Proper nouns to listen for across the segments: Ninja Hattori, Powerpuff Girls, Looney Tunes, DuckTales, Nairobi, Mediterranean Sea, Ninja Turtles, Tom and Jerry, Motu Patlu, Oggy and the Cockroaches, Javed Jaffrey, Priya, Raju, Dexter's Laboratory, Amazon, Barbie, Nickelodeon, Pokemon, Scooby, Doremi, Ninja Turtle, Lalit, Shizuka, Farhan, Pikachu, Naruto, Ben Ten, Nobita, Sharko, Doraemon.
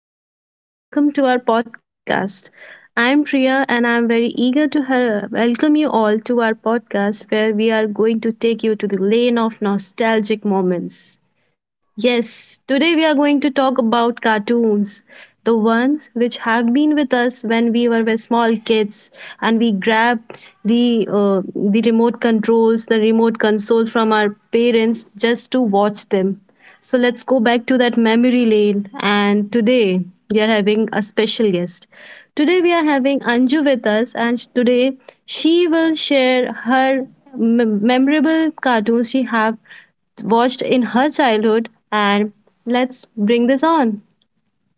Hello, everyone. Welcome to our podcast. I'm Priya, and I'm very eager to welcome you all to our podcast where we are going to take you to the lane of nostalgic moments. Yes, today we are going to talk about cartoons, the ones which have been with us when we were small kids and we grab the remote controls, the remote console from our parents just to watch them. So let's go back to that memory lane and today we are having a special guest. Today we are having Anju with us and today she will share her memorable cartoons she have watched in her childhood. And let's bring this on.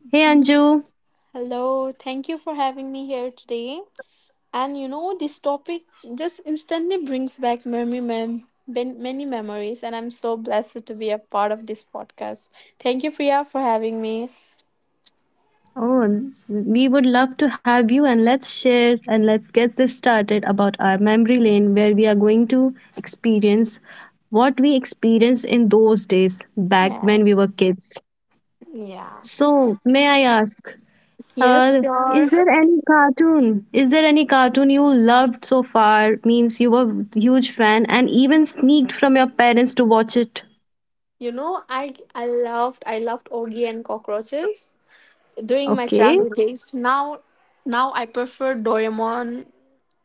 Hey, Mm. Anju. Hello, thank you for having me here today. This topic just instantly brings back many memories, and I'm so blessed to be a part of this podcast. Thank you, Priya, for having me. Oh, we would love to have you, and let's share and let's get this started about our memory lane where we are going to experience what we experienced in those days back when we Yes. were kids. Yeah. So, may I ask, Yes, is sure. there any cartoon? Is there any cartoon you loved so far? Means you were huge fan and even sneaked from your parents to watch it. I loved Ogie and cockroaches during my Okay. childhood days. Now, now I prefer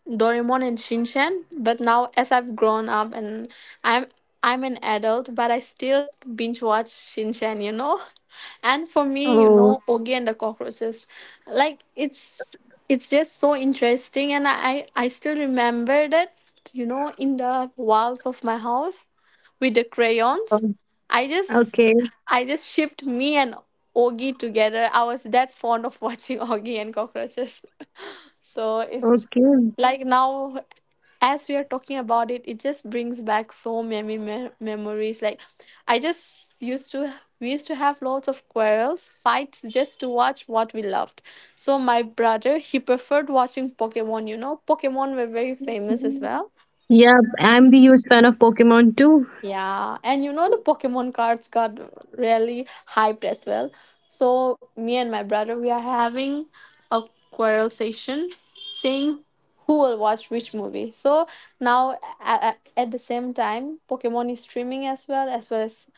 Doraemon and Shinchan. But now, as I've grown up and I'm I'm an adult, but I still binge watch Shinchan. And for me, you Oh, know, Ogi and the Cockroaches, like it's it's just so interesting, and I still remember that in the walls of my house with the crayons. oh, I just okay, I just shipped me and Ogi together. I was that fond of watching Ogi and cockroaches. So it okay. like now as we are talking about it, it just brings back so many memories. Like I just used to We used to have lots of quarrels, fights just to watch what we loved. So my brother, he preferred watching Pokemon, you know. Pokemon were very famous as well. Yeah, I'm the huge fan of Pokemon too. Yeah, and you know the Pokemon cards got really hyped as well. So me and my brother, we are having a quarrel session, saying who will watch which movie. So now at the same time, Pokemon is streaming as well as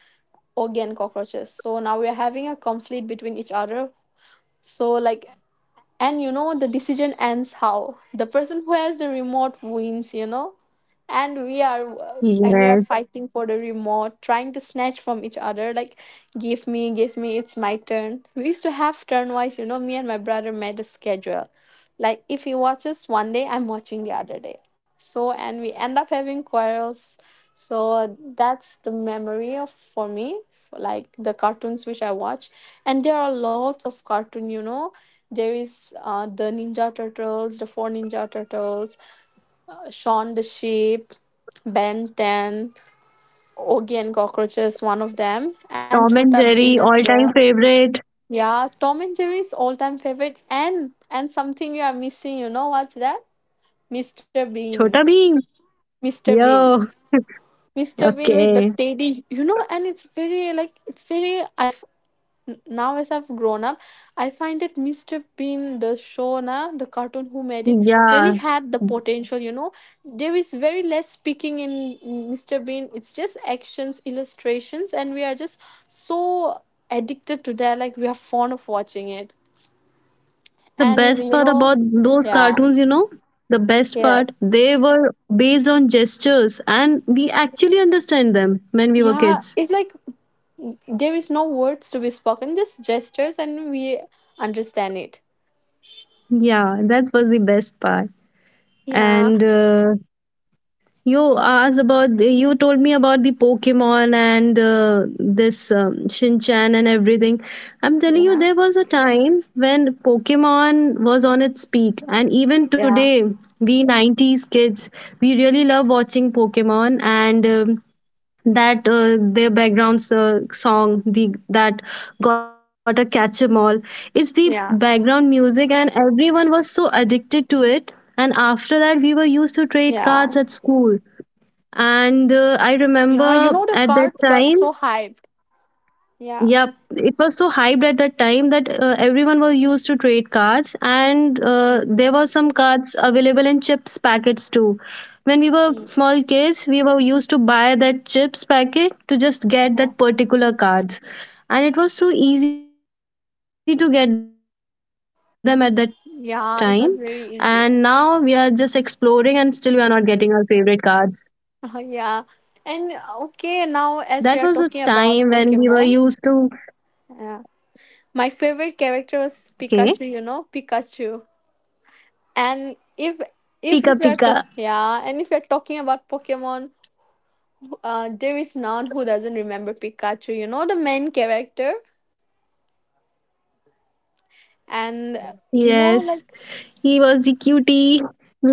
Oggy and Cockroaches. So now we are having a conflict between each other. So like and you know the decision ends how the person who has the remote wins, you know, and Yes, we are fighting for the remote, trying to snatch from each other. Like, give me, it's my turn. We used to have turn wise, you know. Me and my brother made a schedule, like if he watches one day, I'm watching the other day. So, and we end up having quarrels. So that's the memory of for me, like, the cartoons which I watch, and there are lots of cartoon. You know, there is the Ninja Turtles, the Four Ninja Turtles, Shaun the Sheep, Ben Ten, Oogie and Cockroaches, one of them, and Tom Chota and Beam Jerry, as well. all-time favorite. Yeah, Tom and Jerry's all-time favorite, and something you are missing. You know what's that? Mr. Bean. Chota Bheem. Mr. Yo, Bean. Mr. Bean with the okay. teddy, you know, and it's very. Now as I've grown up, I find that Mr. Bean, the show na, the cartoon who made it, really Yeah, had the potential. You know, there is very less speaking in Mr. Bean. It's just actions, illustrations, and we are just so addicted to that. Like, we are fond of watching it, the and best you part know, about those yeah, cartoons, the best part, yes. they were based on gestures and we actually understand them when we were Yeah, kids. it's like there is no words to be spoken, just gestures, and we understand it. Yeah, that was the best part. Yeah, And You asked about you told me about the Pokemon and this Shin Chan and everything. I'm telling yeah, you, there was a time when Pokemon was on its peak, and even yeah, today, we 90s kids, we really love watching Pokemon and. That their background song the that got a catch 'em all, it's the yeah, background music and everyone was so addicted to it. And after that we yeah, were used to trade cards at school, and I yeah. You know, the remember cards at got that so time, hyped. Yeah. yep, it was so hyped at that time that everyone was used to trade cards, and Mm, there were some cards available in chips packets too. When we were mm. small kids, we were used to buy that chips packet to just get Oh, that particular cards. And it was so easy to get them at that time. And now we are just exploring and yeah, still it we are was not very getting our easy. favorite cards. That was a Yeah, and okay, now as we are time talking when we were about used to, Pokemon, yeah, my favorite character was okay, Pikachu. You know, Pikachu. And Pika if we are Pika. talking, yeah, and if we are talking about Pokemon. There is none who doesn't remember Pikachu, you know, the main character. And, Yes, you know, he like, was the cutie you can ever met.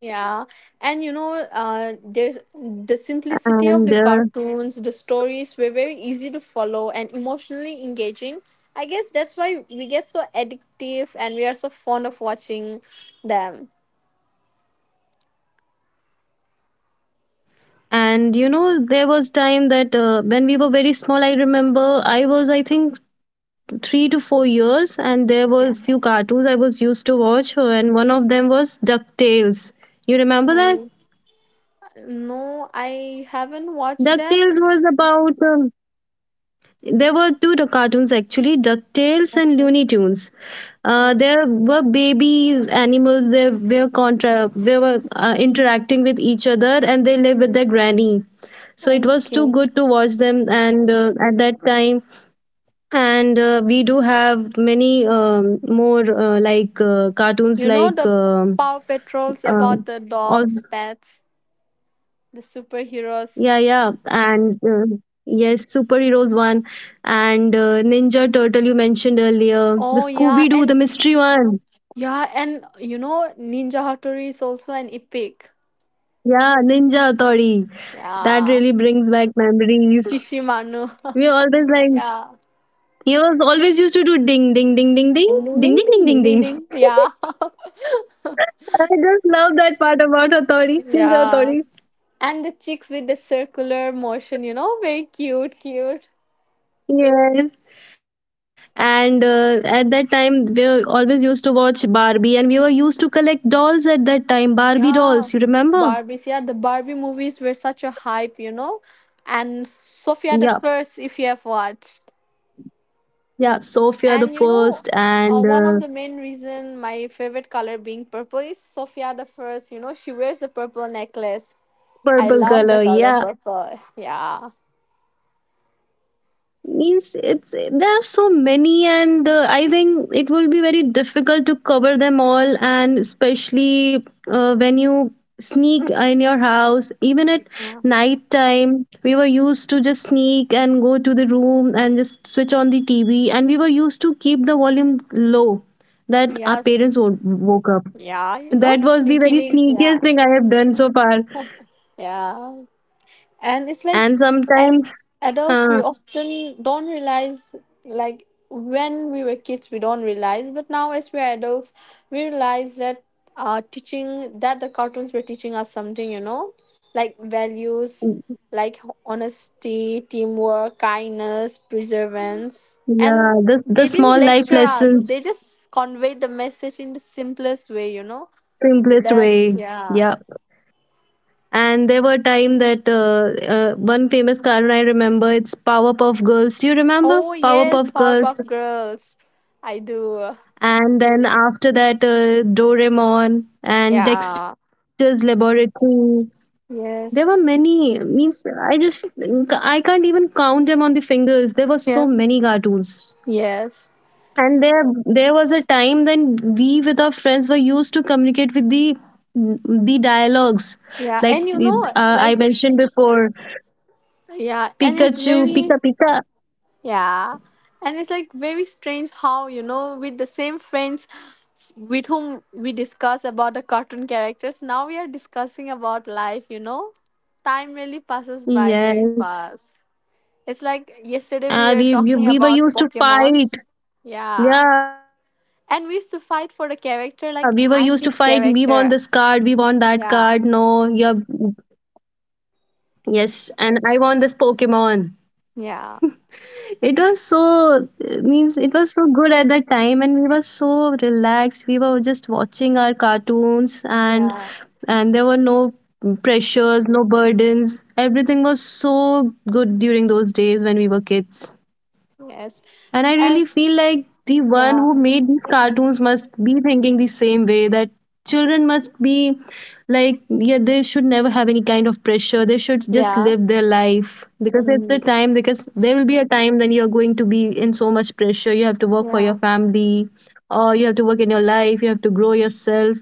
yeah. And, you know, there's And the uh, simplicity of the cartoons, the stories were very easy to follow and emotionally engaging. I guess that's why we get so addictive and we are so fond of watching them. and there was time that when we were very small, I remember I think 3 to 4 years, and there were Yeah. few cartoons I was used to watch, and one of them was Ducktales. You remember that? Oh, no, I haven't watched that. Ducktales was about there were two cartoons actually, DuckTales and Okay. Looney Tunes. Oh, There were babies, animals. They were interacting with each other, and they live with their granny. So it was too okay. good to watch them, and at that time, and we do have many more cartoons You know like the um Paw Patrols about um the dogs, pets, the superheroes. Yeah, yeah, and yes, superheroes one, and Ninja Turtle you mentioned earlier, Oh the yeah, Scooby and one. yeah, and you know Ninja Hattori is also an epic. Yeah, Ninja Authority. That Yeah, really brings back memories. Shishimanu. We always like Yeah, he was always used to do ding ding ding ding ding ding ding ding ding ding ding ding ding ding ding ding. ding. Yeah. I just love that part about Authority, Ninja Yeah, Authority. and the chicks with the circular motion. You know, very cute, cute. Yes, and at that time we were always used to watch barbie and we were used to collect dolls at that time barbie dolls you Yeah, remember. Barbies. Yeah, the Barbie movies were such a hype. You know, and Yeah, Sophia the First, if you have watched. yeah, sophia the And you know, first, and one of the main reason my favorite color being purple is Sophia the First. You know, she wears a purple necklace. I purple love the color, color yeah, purple. Yeah. means it's there are so many, and I think it will be very difficult to cover them all, and especially when you sneak in your house even at Yeah. night time we were used to just sneak and go to the room and just switch on the tv and we were used to keep the volume low that our Yes. parents woke up. Yeah. You know, That was the sneaky very link. sneakiest Yeah. thing I have done so far. Yeah. And it's like, And as sometimes adults, we huh, often don't realize, like, when we were kids we don't realize, but now as we're adults, we realize that, teaching, that the cartoons were teaching us something, you know, like values, like honesty, teamwork, kindness, perseverance. yeah, And the they didn't small life lecture us, lessons, they just conveyed the message in the simplest way, you know. simplest That, way, yeah. yeah. And there were time that one famous cartoon I remember it's powerpuff girls, do you remember Oh yes, powerpuff girls? Powerpuff Girls. I do. And then after that doraemon and Yeah. dexter's laboratory, there were Yes. many, means I just I can't even count them on the fingers, there were so Yeah. many cartoons. Yes. And there was a time when we with our friends were used to communicate with the dialogues, Yeah. like And you know, I like, mentioned before, yeah. And it's Pikachu, very, Pika Pika. yeah. And it's like very strange how, you know, with the same friends with whom we discuss about the cartoon characters, now we are discussing about life, you know? Time really passes by very Yes. fast. It's like yesterday we were we, we talking we were about used to fight. Pokemons. Yeah. Yeah, we were used to fight. And we We used to want this fight for the card. We want character, that like, card. I'm this No, yeah, character. Yeah. yes. And I want this Pokemon. It was so Yeah. means it was so good at that time, and we were so relaxed. We were just watching our cartoons, and there were Yeah. no pressures, no burdens. Everything was so good during those days when we were kids. And I Yes. really feel like As the one who made yeah, these cartoons must be thinking the same way that children must be like, yeah, they should never have any kind of pressure. They should just yeah, live their life because it's the mm, time, because there will be a time when you're going to be in so much pressure. Work for your yeah, family or you have to work in your life, you have to grow yourself.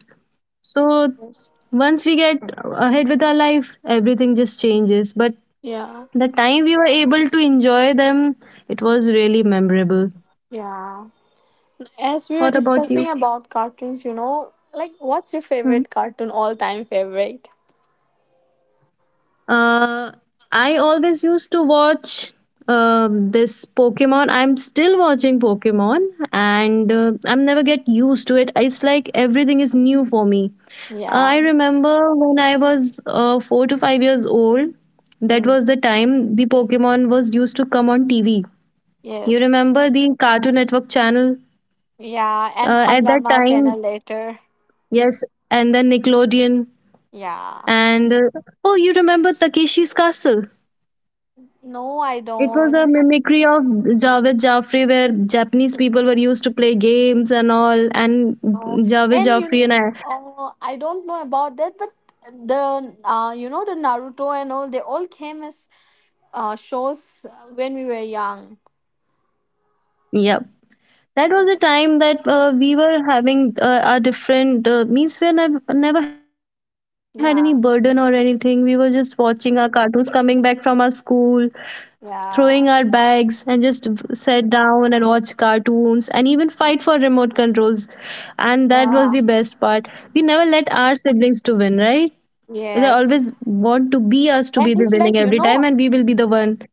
So yes, once we get ahead with our life, everything just changes. But yeah, the time we were able to enjoy them, it was really memorable. yeah. As we were What about you? discussing about cartoons, you know, like what's your Hmm. favorite cartoon, all time favorite? Uh, I always used to watch this Pokemon. I'm still watching Pokemon, and I'm never get used to it. It's like everything is new for me. I Yeah. remember when I was 4 to 5 years old, that Mm. was the time the Pokemon was used to come on TV. You Yes. remember the Cartoon Network channel? Yeah, and At that Hangama time, channel later. yes, and then Nickelodeon. Yeah. And oh, you remember Takeshi's Castle? No, I It was a don't. mimicry of Javed Jaffrey, where Japanese people were used to play games and all. And No, Javed and you. Jaffrey and I, Oh, I don't know about that, but the the Naruto and all, they all came as shows when we were young. yeah, that was a time that we were having our different means. We never had any burden or anything. Yeah, We were just watching our cartoons, coming back from our school, throwing our yeah, bags and just sit down and watch cartoons and even fight for remote controls, and that was yeah, the best part. We never let our siblings to win, right? They yes. always want to be us to And be the it's like, winning you every know, time and we will be the one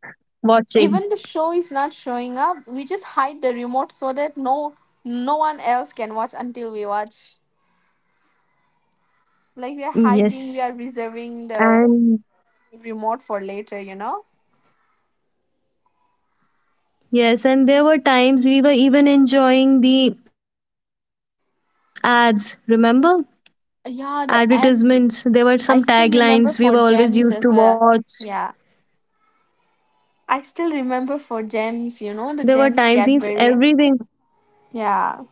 even the watching. show is not showing up. We just hide the remote so that no one else can watch until we watch. Like we are hiding, we are Yes, reserving the and remote for later, you know? yes, and there were times we were even enjoying the ads, remember advertisements, there were Yeah, some the ads, taglines we were always I to still remember watch. for gems as well. Yeah. I still remember There were for times gems, since you know, the everything, gems Cadbury. Yeah.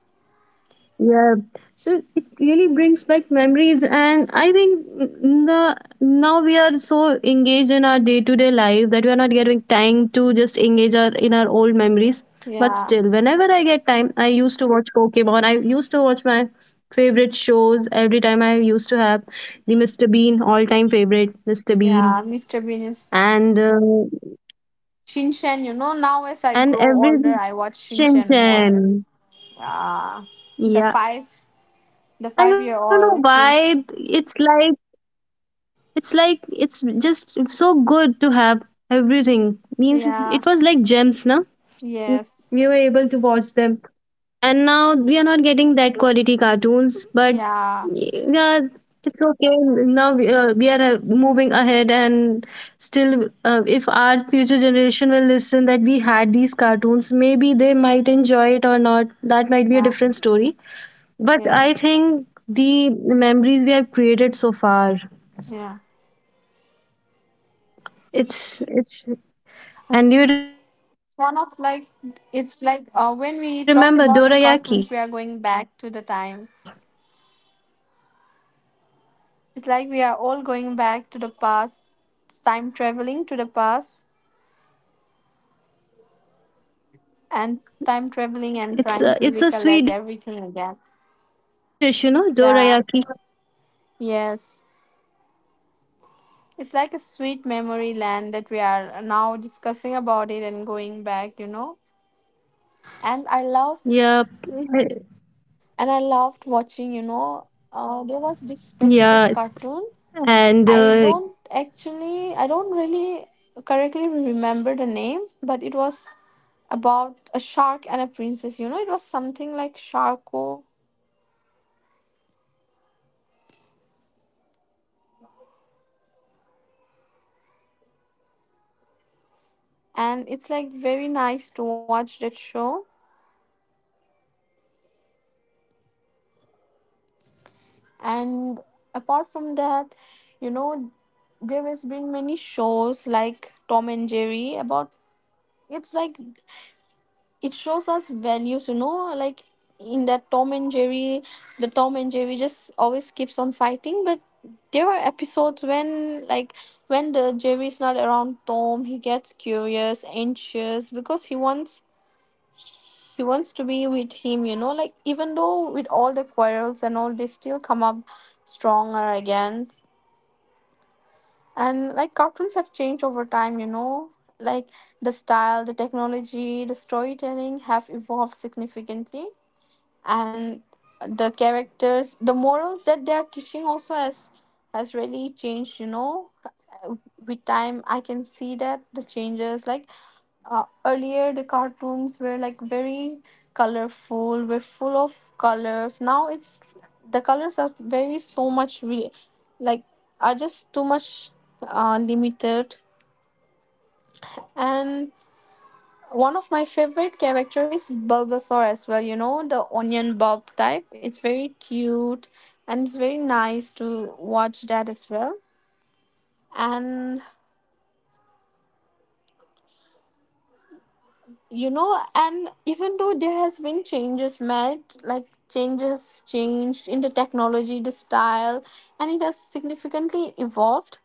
yeah, so it really brings back memories, and I think the now we are so engaged in our day to day life that we are not getting time to just engage our in our old memories. But still, Yeah. whenever I get time, I used to watch Pokemon. I used to watch my favorite shows every time. I Mm. used to have the Mr. Bean, all time favorite Mr. Bean, Yeah, Mr. Bean is and uh, Shinchan, you know, now as I and grow every older, I watch Shin Shinchan more. Chan. Yeah, the Yeah. five, the I don't know 5-year-old kid. why it's like it's like it's just so good to have everything. Means Yeah. it was like gems, na. Yes. We were able to watch them. And now we are not getting that quality cartoons, but Yeah. yeah, it's okay. Now we, are moving ahead, and still, if our future generation will listen that we had these cartoons, maybe they might enjoy it or not. That might be a Yeah. different story. But Yes. I think the memories we have created so far, Yeah. It's one of like it's it's like, when and you we talk remember about the dorayaki? cartoons, we are going back to the time. It's like we are all going back to the past, time traveling to the past, and time traveling and trying to recollect everything again. It's a Swedish, you know, Yeah. dorayaki. Yes. It's like a sweet memory land that we are now discussing Yep. about it and going back, you know. And I love Yeah, and I loved and watching, you uh, know, there was this specific cartoon. I don't really correctly remember the name, but it was and you know the about motu a patlu. shark and a princess, you know. It was something like Sharko, and it's like very nice to watch that show. And apart from It's that, you know, reconnecting, yeah. there has been many shows like Tom and Jerry. About, it's like, it shows us values, you know, like in that Tom and Jerry, the Tom and Jerry just always keeps on fighting, but there are episodes when, like, when the Jerry is not around Tom, he gets curious, anxious, because he wants to be with him, you know. Like, even though with all the quarrels and all, they still come up stronger again. And like, cartoons have changed over time, you know, like the style, the technology, the storytelling have evolved significantly. And the characters, the morals that they are teaching also has really changed, you know. With time, I can see that the changes. Like, earlier, the cartoons were like very colorful, were full of colors. Now, it's the colors are very so much like are just too much limited. And one of my favorite character is Bulbasaur as well. You know, the onion bulb type. It's very cute and it's very nice to watch that as well. And you know, and even though there has been changes made, like changes changed in the technology, the style, and it has significantly evolved,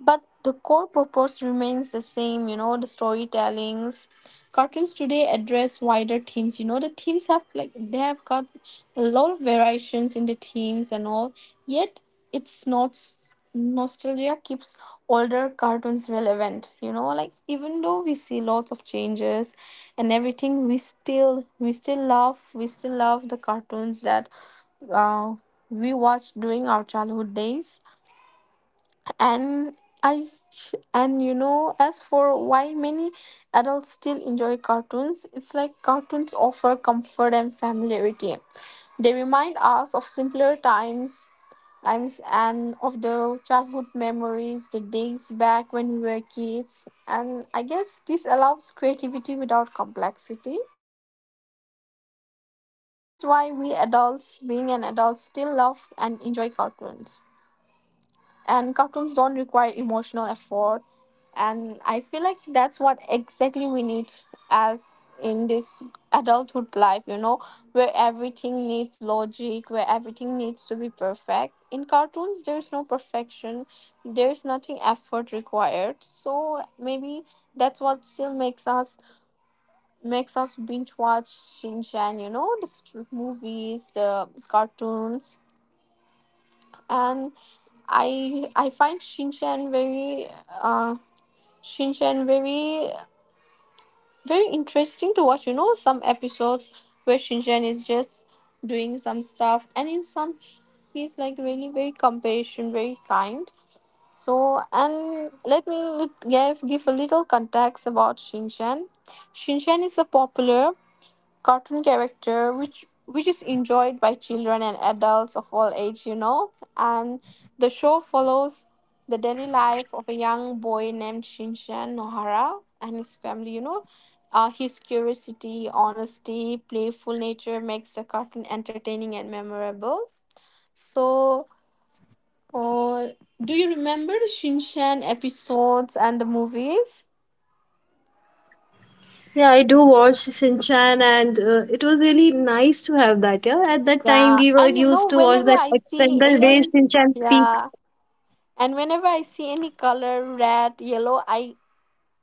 but the core purpose remains the same. You know, the storytellings. Cartoons today address wider themes. You know, the themes have, like, they have got a lot of variations in the themes and all. Yet, it's not s- nostalgia keeps older cartoons relevant. You know, like even though we see lots of changes and everything, we still love the cartoons that uh, we watched during our childhood days. And i and you know, as for why many adults still enjoy cartoons, it's like cartoons offer comfort and familiarity. They remind us of simpler times and of the childhood memories, the days back when we were kids, and I guess this allows creativity without complexity, which is why we adults being an adult still love and enjoy cartoons. And cartoons don't require emotional effort, and I feel like that's what exactly we need, as in this adulthood life, you know, where everything needs logic, where everything needs to be perfect. In cartoons there's no perfection, there's nothing effort required, so maybe that's what still makes us binge watch Shinchan, movies, the cartoons. And I find Shinchan very uh shinchan very very interesting to watch. You know, some episodes where Shinjan is just doing some stuff, and in some, he's like really very compassionate, very kind. So, and let me give a little context about Shinchan. Shinchan is a popular cartoon character which is enjoyed by children and adults of all age, you know. And the show follows the daily life of a young boy named Shinshan Nohara and his family, you know. His curiosity, honesty, playful nature makes the cartoon entertaining and memorable. So uh, do you remember the Shinshan episodes and the movies? Yeah, I do watch Shinchan, and it was really nice to have that. Yeah, at that time we were Yeah, used and you to watch know, that whenever I accent, the see way any, Shinchan speaks. yeah. And whenever I see any color, red, yellow, I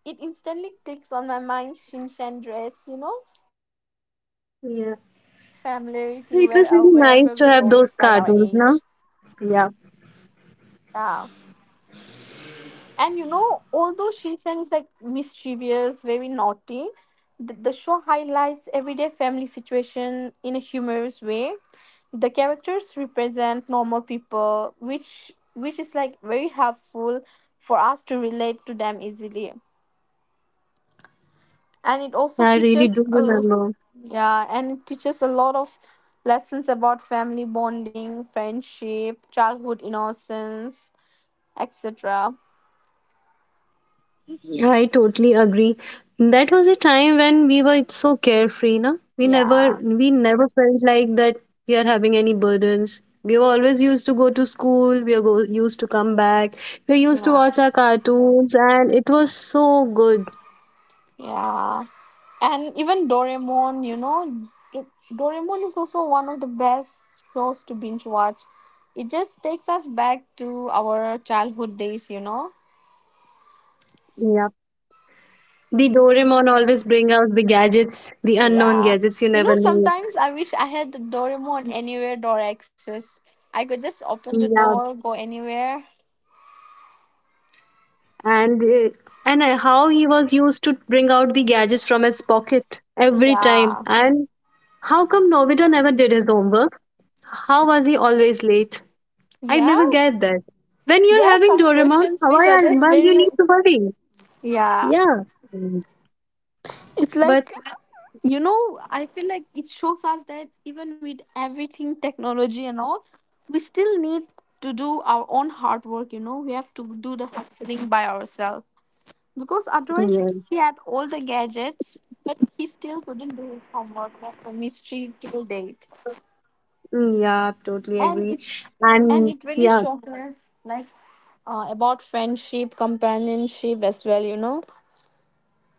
it instantly clicks on my mind. Shinshan dress, you know, we have that Yeah, familiarity where, wherever we so, it go, was really despite our nice to have age. those cartoons, no? Yeah, Yeah, and you know, although Shinshan is like mischievous, very naughty, the show highlights everyday family situation in a humorous way. The characters represent normal people, which is like very helpful for us to relate to them easily, and it also yeah, I really teaches do a, remember. yeah, and it teaches a lot of lessons about family bonding, friendship, childhood innocence, etc. I totally agree. That was a time when we were so carefree, na? We never Yeah, we never felt like that we are having any burdens. We were always used to go to school, used to come back, we are used to yeah, watch our cartoons and it was so good. yeah, and even Doraemon, you know. Do- Doraemon is also one of the best shows to binge watch. It just takes us back to our childhood days, you know. Yeah. The Doraemon always bring out the gadgets, the unknown Yeah. gadgets you You never know, knew. sometimes I wish I had the Doraemon anywhere door access. I could just open the Yeah, door, go anywhere. and uh, and how he was used to bring out the gadgets from his pocket every time Yeah. and how come Nobita never did his homework? How was he always late? I Yeah. never get that. When There you're are having some Doraemon, questions which why are are just why you very. need to worry? Yeah. Yeah. Mm. It's But like, you know, I feel like it shows us that even with everything, technology and all, we still need to do our own hard work, you know, we have to do the hustling by ourselves. Because otherwise yeah. he had all the gadgets, but he still couldn't do his homework. That's a mystery till date. Mm, yeah, totally And agree. it sh- and And it really yeah. shocked us, like, about friendship, companionship as well, you know?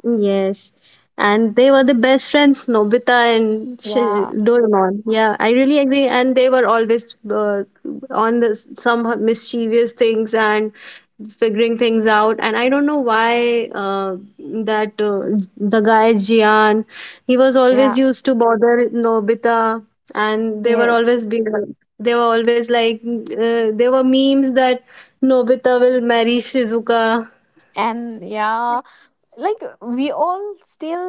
Yes. And they were the best friends, Nobita and Yeah. Doraemon. Yeah, I really agree. And they were always on the some mischievous things and figuring things out. And I don't know why that the guy Jian, he was always Yeah. used to bother Nobita, and Yes. They were always like there were memes that Nobita will marry Shizuka. And yeah, like we all still,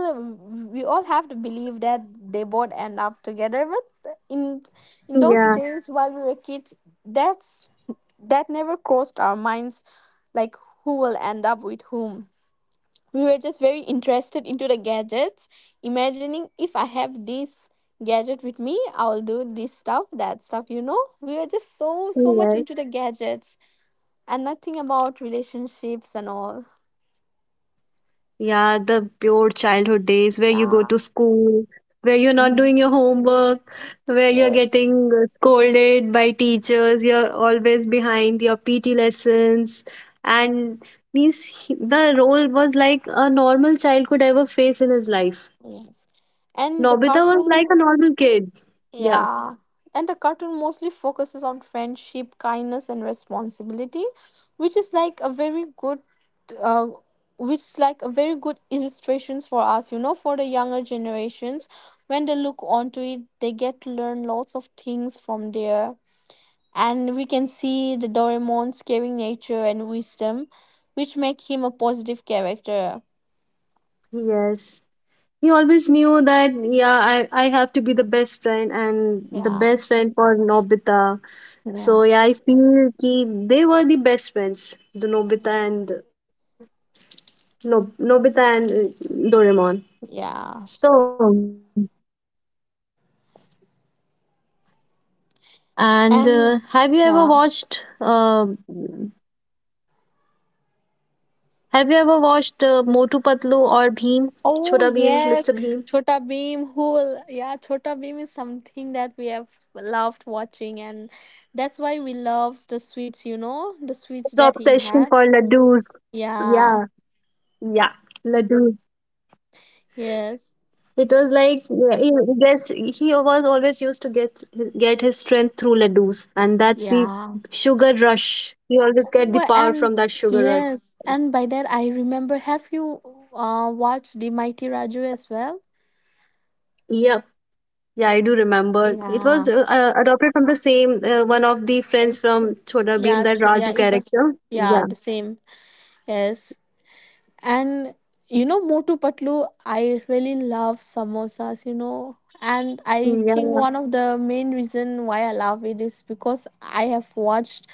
we all have to believe that they both end up together, but in those Yeah. days while we were kids, that's, that never crossed our minds, like who will end up with whom. We were just very interested into the gadgets, imagining if I have this gadget with me, I'll do this stuff, that stuff, you know, we were just so so much Yeah, into the gadgets and nothing about relationships and all. yeah, the pure childhood days where you go Yeah. to school, where you're not Mhm. doing your homework, where you're Yes, getting scolded by teachers, you're always behind your PT lessons. And these, the role was like a normal child could ever face in his life. yes. And the Nobita was like cartoon, a normal kid. Yeah. yeah. And the cartoon mostly focuses on friendship, kindness, and responsibility, which is like a very good, uh, which is like a very good illustrations for us, you know, for the younger generations. When they look onto it, they get to learn lots of things from there. And we can see the Doraemon's caring nature and wisdom, which make him a positive character. Yes. He always knew that, yeah, I have to be the best friend and the Yeah, best friend for Nobita. So, yeah. yeah, So, I feel ki they were the best friends, the Nobita mm. and no, Nobita and Doraemon. Yeah. So, and have you ever watched And yeah. have you ever watched Motu Patlu or Bheem, Chhota Bheem, Mr. Bheem? Oh yes, Chota Beam. Who will? Yeah, Chota Beam is something that we have loved watching, and that's why we His love the obsession sweets. for You know, the ladoos. sweets that he Yeah, has. yeah, Yeah. ladoos. It was like Yes. yeah, he gets he was always used to get his strength through laddus, and that's the sugar Yeah. rush. You always get the power from that Oh, sugar and rush. yes, and by that I remember. Have you watched the Mighty Raju as well? Yep. Yeah, I do remember. It was Yeah. Adopted from the same one of the friends Like, from Chhota Bheem, yeah. that Raju Yeah. It was. character. Yeah. Yeah. The same. Yes. And you know, Motu Patlu, I really love samosas, you know. And I think Yeah. one of the main reason why I love it is because I have watched,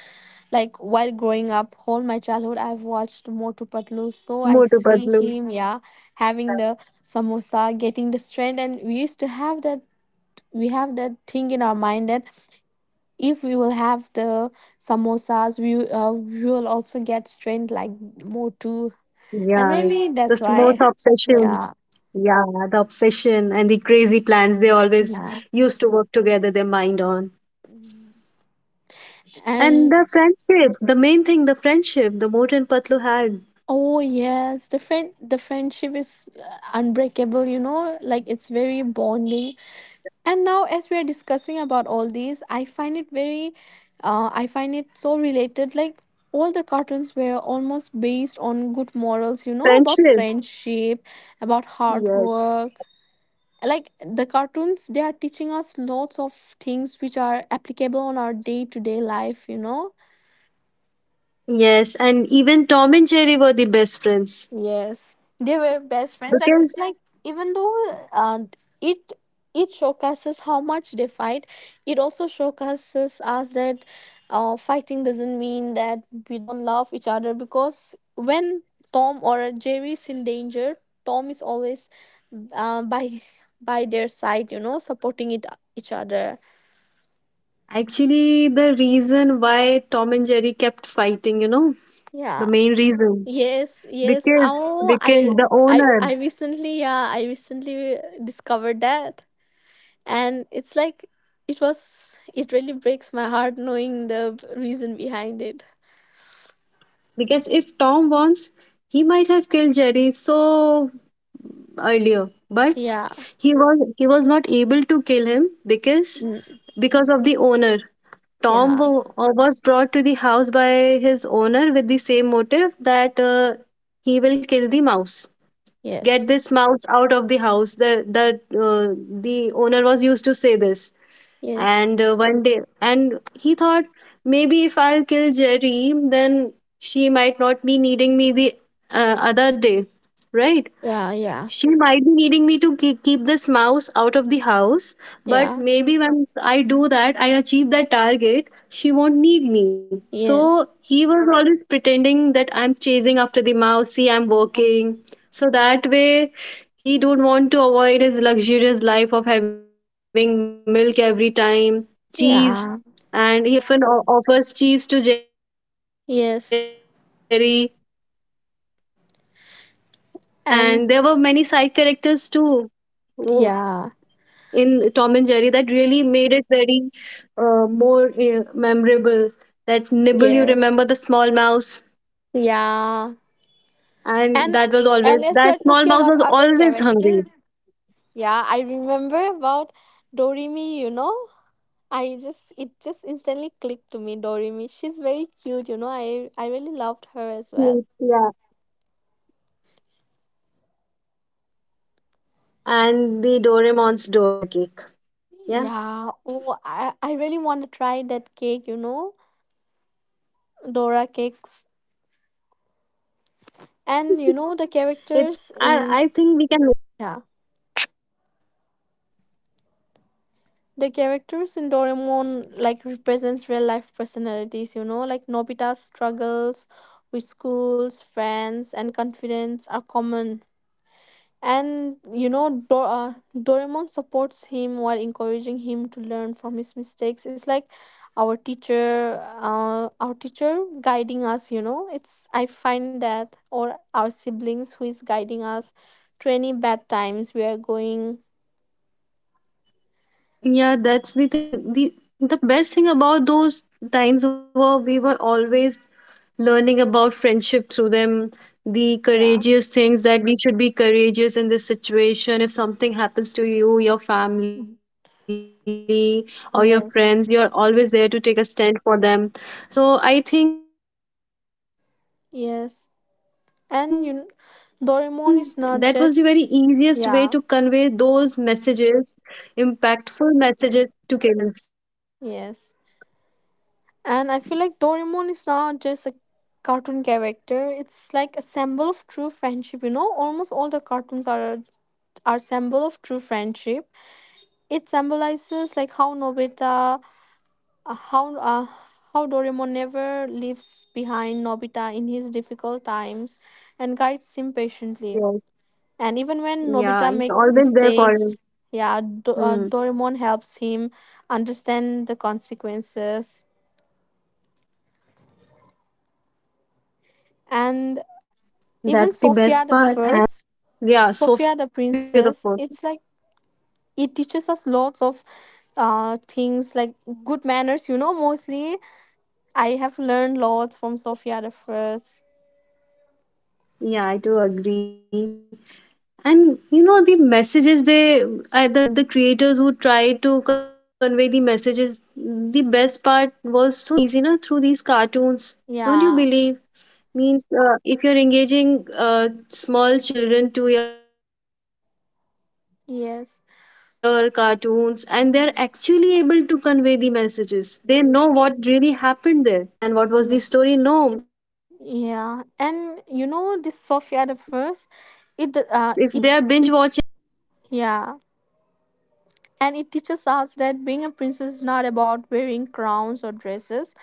like, while growing up, whole my childhood I've watched Motu Patlu. So I Motu see Patlu. him, yeah, having the samosa, getting the strength, and we used to have that, we have that thing in our mind that if we will have the samosas, we will also get strength like Motu, and Yeah. maybe The that's most why. obsession. Yeah. Yeah, the obsession and the crazy plans they always Yeah. used to work together, their mind on. And And the friendship, the main thing, the friendship, the Moat and Patlu had oh yes, the friendship is unbreakable, you know, like it's very bonding. And now as we are discussing about all these, I find it very, I find it so related, like all the cartoons were almost based on good morals, you know, about friendship. friendship, about hard Yes. work. Like the cartoons, they are teaching us lots of things which are applicable on our day to day life, you know. Yes, and even Tom and Jerry were the best friends. Yes, they were best friends. Like Because it's like, even though, it it showcases how much they fight, it also showcases us that, fighting doesn't mean that we don't love each other, because when Tom or Jerry is in danger, Tom is always, uh, by by their side, you know, supporting it each other. actually, the reason why Tom and Jerry kept fighting, you know, the Yeah. main reason. Yes, yes. Because, Oh, I the I owner. I recently, yeah, I recently discovered that. And it's like, it was, it really breaks my heart knowing the reason behind it. Because if Tom wants, he might have killed Jerry. So earlier, but Yeah. he was not able to kill him because Mm. because of the owner. Tom Yeah, was brought to the house by his owner with the same motive that he will kill the mouse, get yes, this mouse out of the house. The the uh, the owner was used to say this. yes, And one day, and he thought, maybe if I'll kill Jerry, then she might not be needing me the, other day, right? yeah, yeah, She might be needing me to keep this mouse out of the house, but yeah, maybe once I do that, I achieve that target, she won't need me. So yes, he was always pretending that I'm chasing after the mouse, see, I'm working. So that way, he don't want to avoid his luxurious life of having milk every time, cheese, and he yeah, often offers cheese to Jerry. yes, And there were many side characters too and in Tom and Jerry that really yeah, made it very more memorable. That nibble, you remember the small mouse, yes, yeah. and and and that as we are small mouse talking was about other always character, hungry. yeah, I remember about Dorimi, you know. I just, it just instantly clicked to me, Doremi. She's very cute, you know. I really loved her as well. Mm, yeah, and the Doraemon's Dora cake. Yeah, Yeah. Oh, I really want to it's try it's. that cake, you know, Dora cakes. I think we can make that. And you know I the think we can make characters that. in, yeah, the characters in Doraemon like represents real life personalities, you know, like Nobita's struggles with schools, friends, and confidence are common. And you know, Doraemon supports him while encouraging him to learn from his mistakes. It's like our teacher guiding us. You know, it's, I find that, or our siblings who is guiding us to any bad times we are going. Yeah, that's the thing. The best thing about those times were we were always learning about friendship through them, the Yeah. courageous things that we should be courageous in this situation. If something happens to you, your family or your friends, you're always there to Yes. take a stand for them. So I think that was the very easiest way to convey those Yes. messages, And you, kn- impactful messages Doraemon is to not kids, just. children. Yeah. Yes. And I feel like Doraemon is not just a cartoon character, it's like a symbol of true friendship, you know? Almost all the cartoons are symbol of true friendship. It symbolizes like how Nobita, uh, how uh, how Doraemon never leaves behind Nobita in his difficult times and guides him patiently. Yes. And even when Yeah, Nobita he's makes always there for mistakes, them. yeah, Hmm. Doraemon helps him understand the consequences. That's the best part. And at that And time, I remember even the Sophia the we were First, always Sophia the yeah, Princess, Sophia the it's Fourth. like it teaches us lots of things like good manners, you know, mostly. I have learned lots from Sophia the First. Yeah, I do agree. And you know the messages they , the creators who try to convey the messages. The best part was so easy na, through these cartoons. Don't you Yeah, believe? Means if you're engaging small children to your cartoons and they're actually able to yes. convey the messages, they know what really happened there. You might be thinking that what happened there Yeah. and what was the story. No, if they are Yeah, binge watching and it, you they'll know know this Sophia everything. the If you'll First, ask them, it they'll uh know. it it yeah, and it teaches us that being a princess is not about wearing crowns or dresses,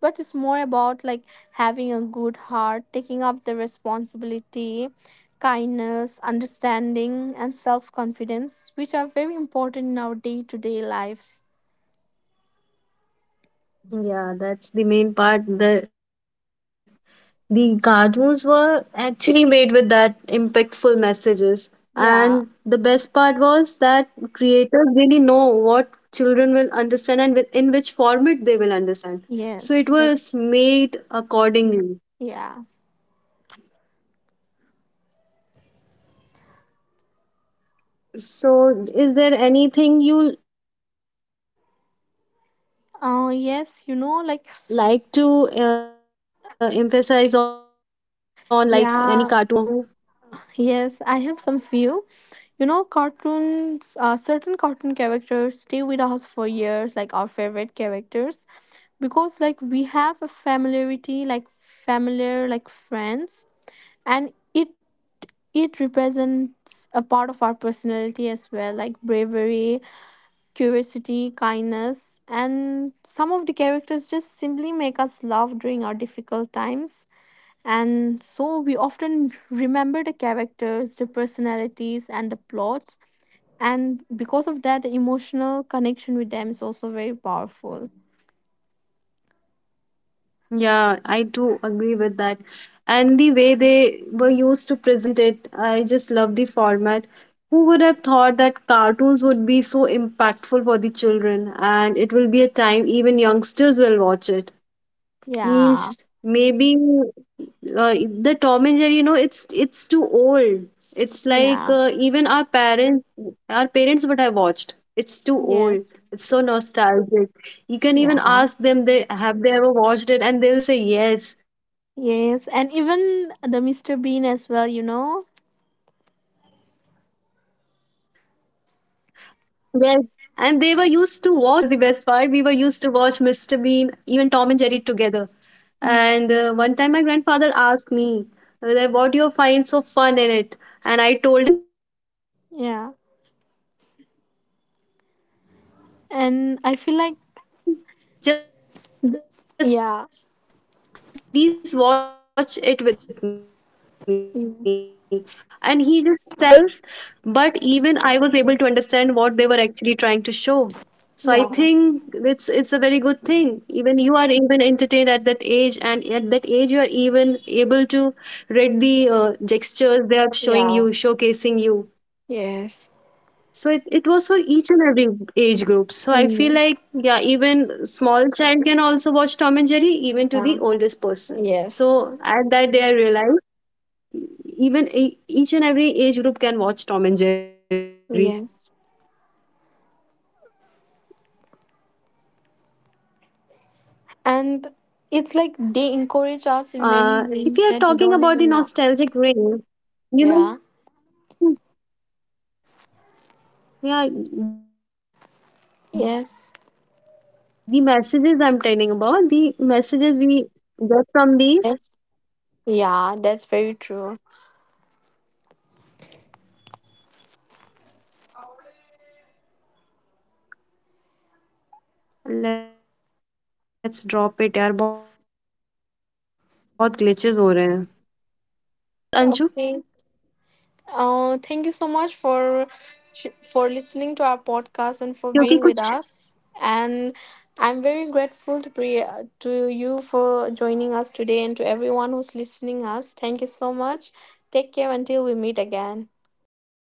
but it's more about like having a good heart, taking up the responsibility, kindness, understanding, and self-confidence, which are very important in our day-to-day lives. Yeah, that's the main part. The cartoons were actually made with that impactful messages. Yeah, And the best part was that creators really know what children will understand and with, in which format they will understand. yes, So it that's, was accordingly. yeah, So, is there anything you like to emphasize on, like any oh yes, cartoon you know, you like watched at in your childhood and you're watching it right now too? yeah. Yes, I have some few. You know, cartoons, certain cartoon characters stay with us for years, like our favorite characters, because like we have a familiarity, like familiar, like friends, and it represents a part of our personality as well, like bravery, curiosity, kindness, and some of the characters just simply make us laugh during our difficult times, and so we often remember the characters, the personalities, and the plots, and because of that the emotional connection with them is also very powerful. Yeah, I do agree with that. And the way they were used to present it, I just love the format. Who would have thought that cartoons would be so impactful for the children and it will be a time even youngsters will watch it? Yeah, Means maybe the Tom and Jerry, you know, it's too old. It's like yeah, even our parents, our parents, what I watched. It's too old. yes, It's so nostalgic. You can even yeah, ask them, they have they ever watched it, and they'll say yes. And it's so yes, means and surprising even for the me when Mr. I Bean heard as that. well, you know. Yes, and they were used to watch with us. That was the best part. We were used to watch Mr. Bean, even Tom and Jerry together. And one Mm, time, my grandfather asked me, that, what do you find so fun in it? And I told him, just please watch it yeah, with me. And he just sat with me and he watched the complete and I episode feel of like, Tom and Jerry. And at the end, he was like, there were yeah, no I sentences, no words, nothing, no vocals. yes, But even I was able to understand what they were actually trying to show. So I think it's a very good yeah, thing. Even you are even entertained at that age, and at that age you are even able to read the gestures they are showing you, showcasing you. yeah, yes. So it was for each and every Mm, age group. So I feel like yeah, even small child can yeah, also watch Tom and Jerry, yes, even to the oldest person. So at that day I realized each and every age group can yes, watch Tom and Jerry. and it's like they If you are encourage talking us in about the many ways nostalgic that we don't ring, even know. you know, Yeah, yeah, the yes, messages I'm telling about, the messages we get from these, they are very impactful yes, as well. yeah, that's very true. Let's drop it, यार बहुत glitches हो रहे हैं. Okay, thank you so much for Can you end this, Anju? for listening to our podcast and for being with us, and क्योंकि कुछ I'm very grateful to to you for joining us today, and to everyone who's listening us, thank you so much. Take care until we meet again.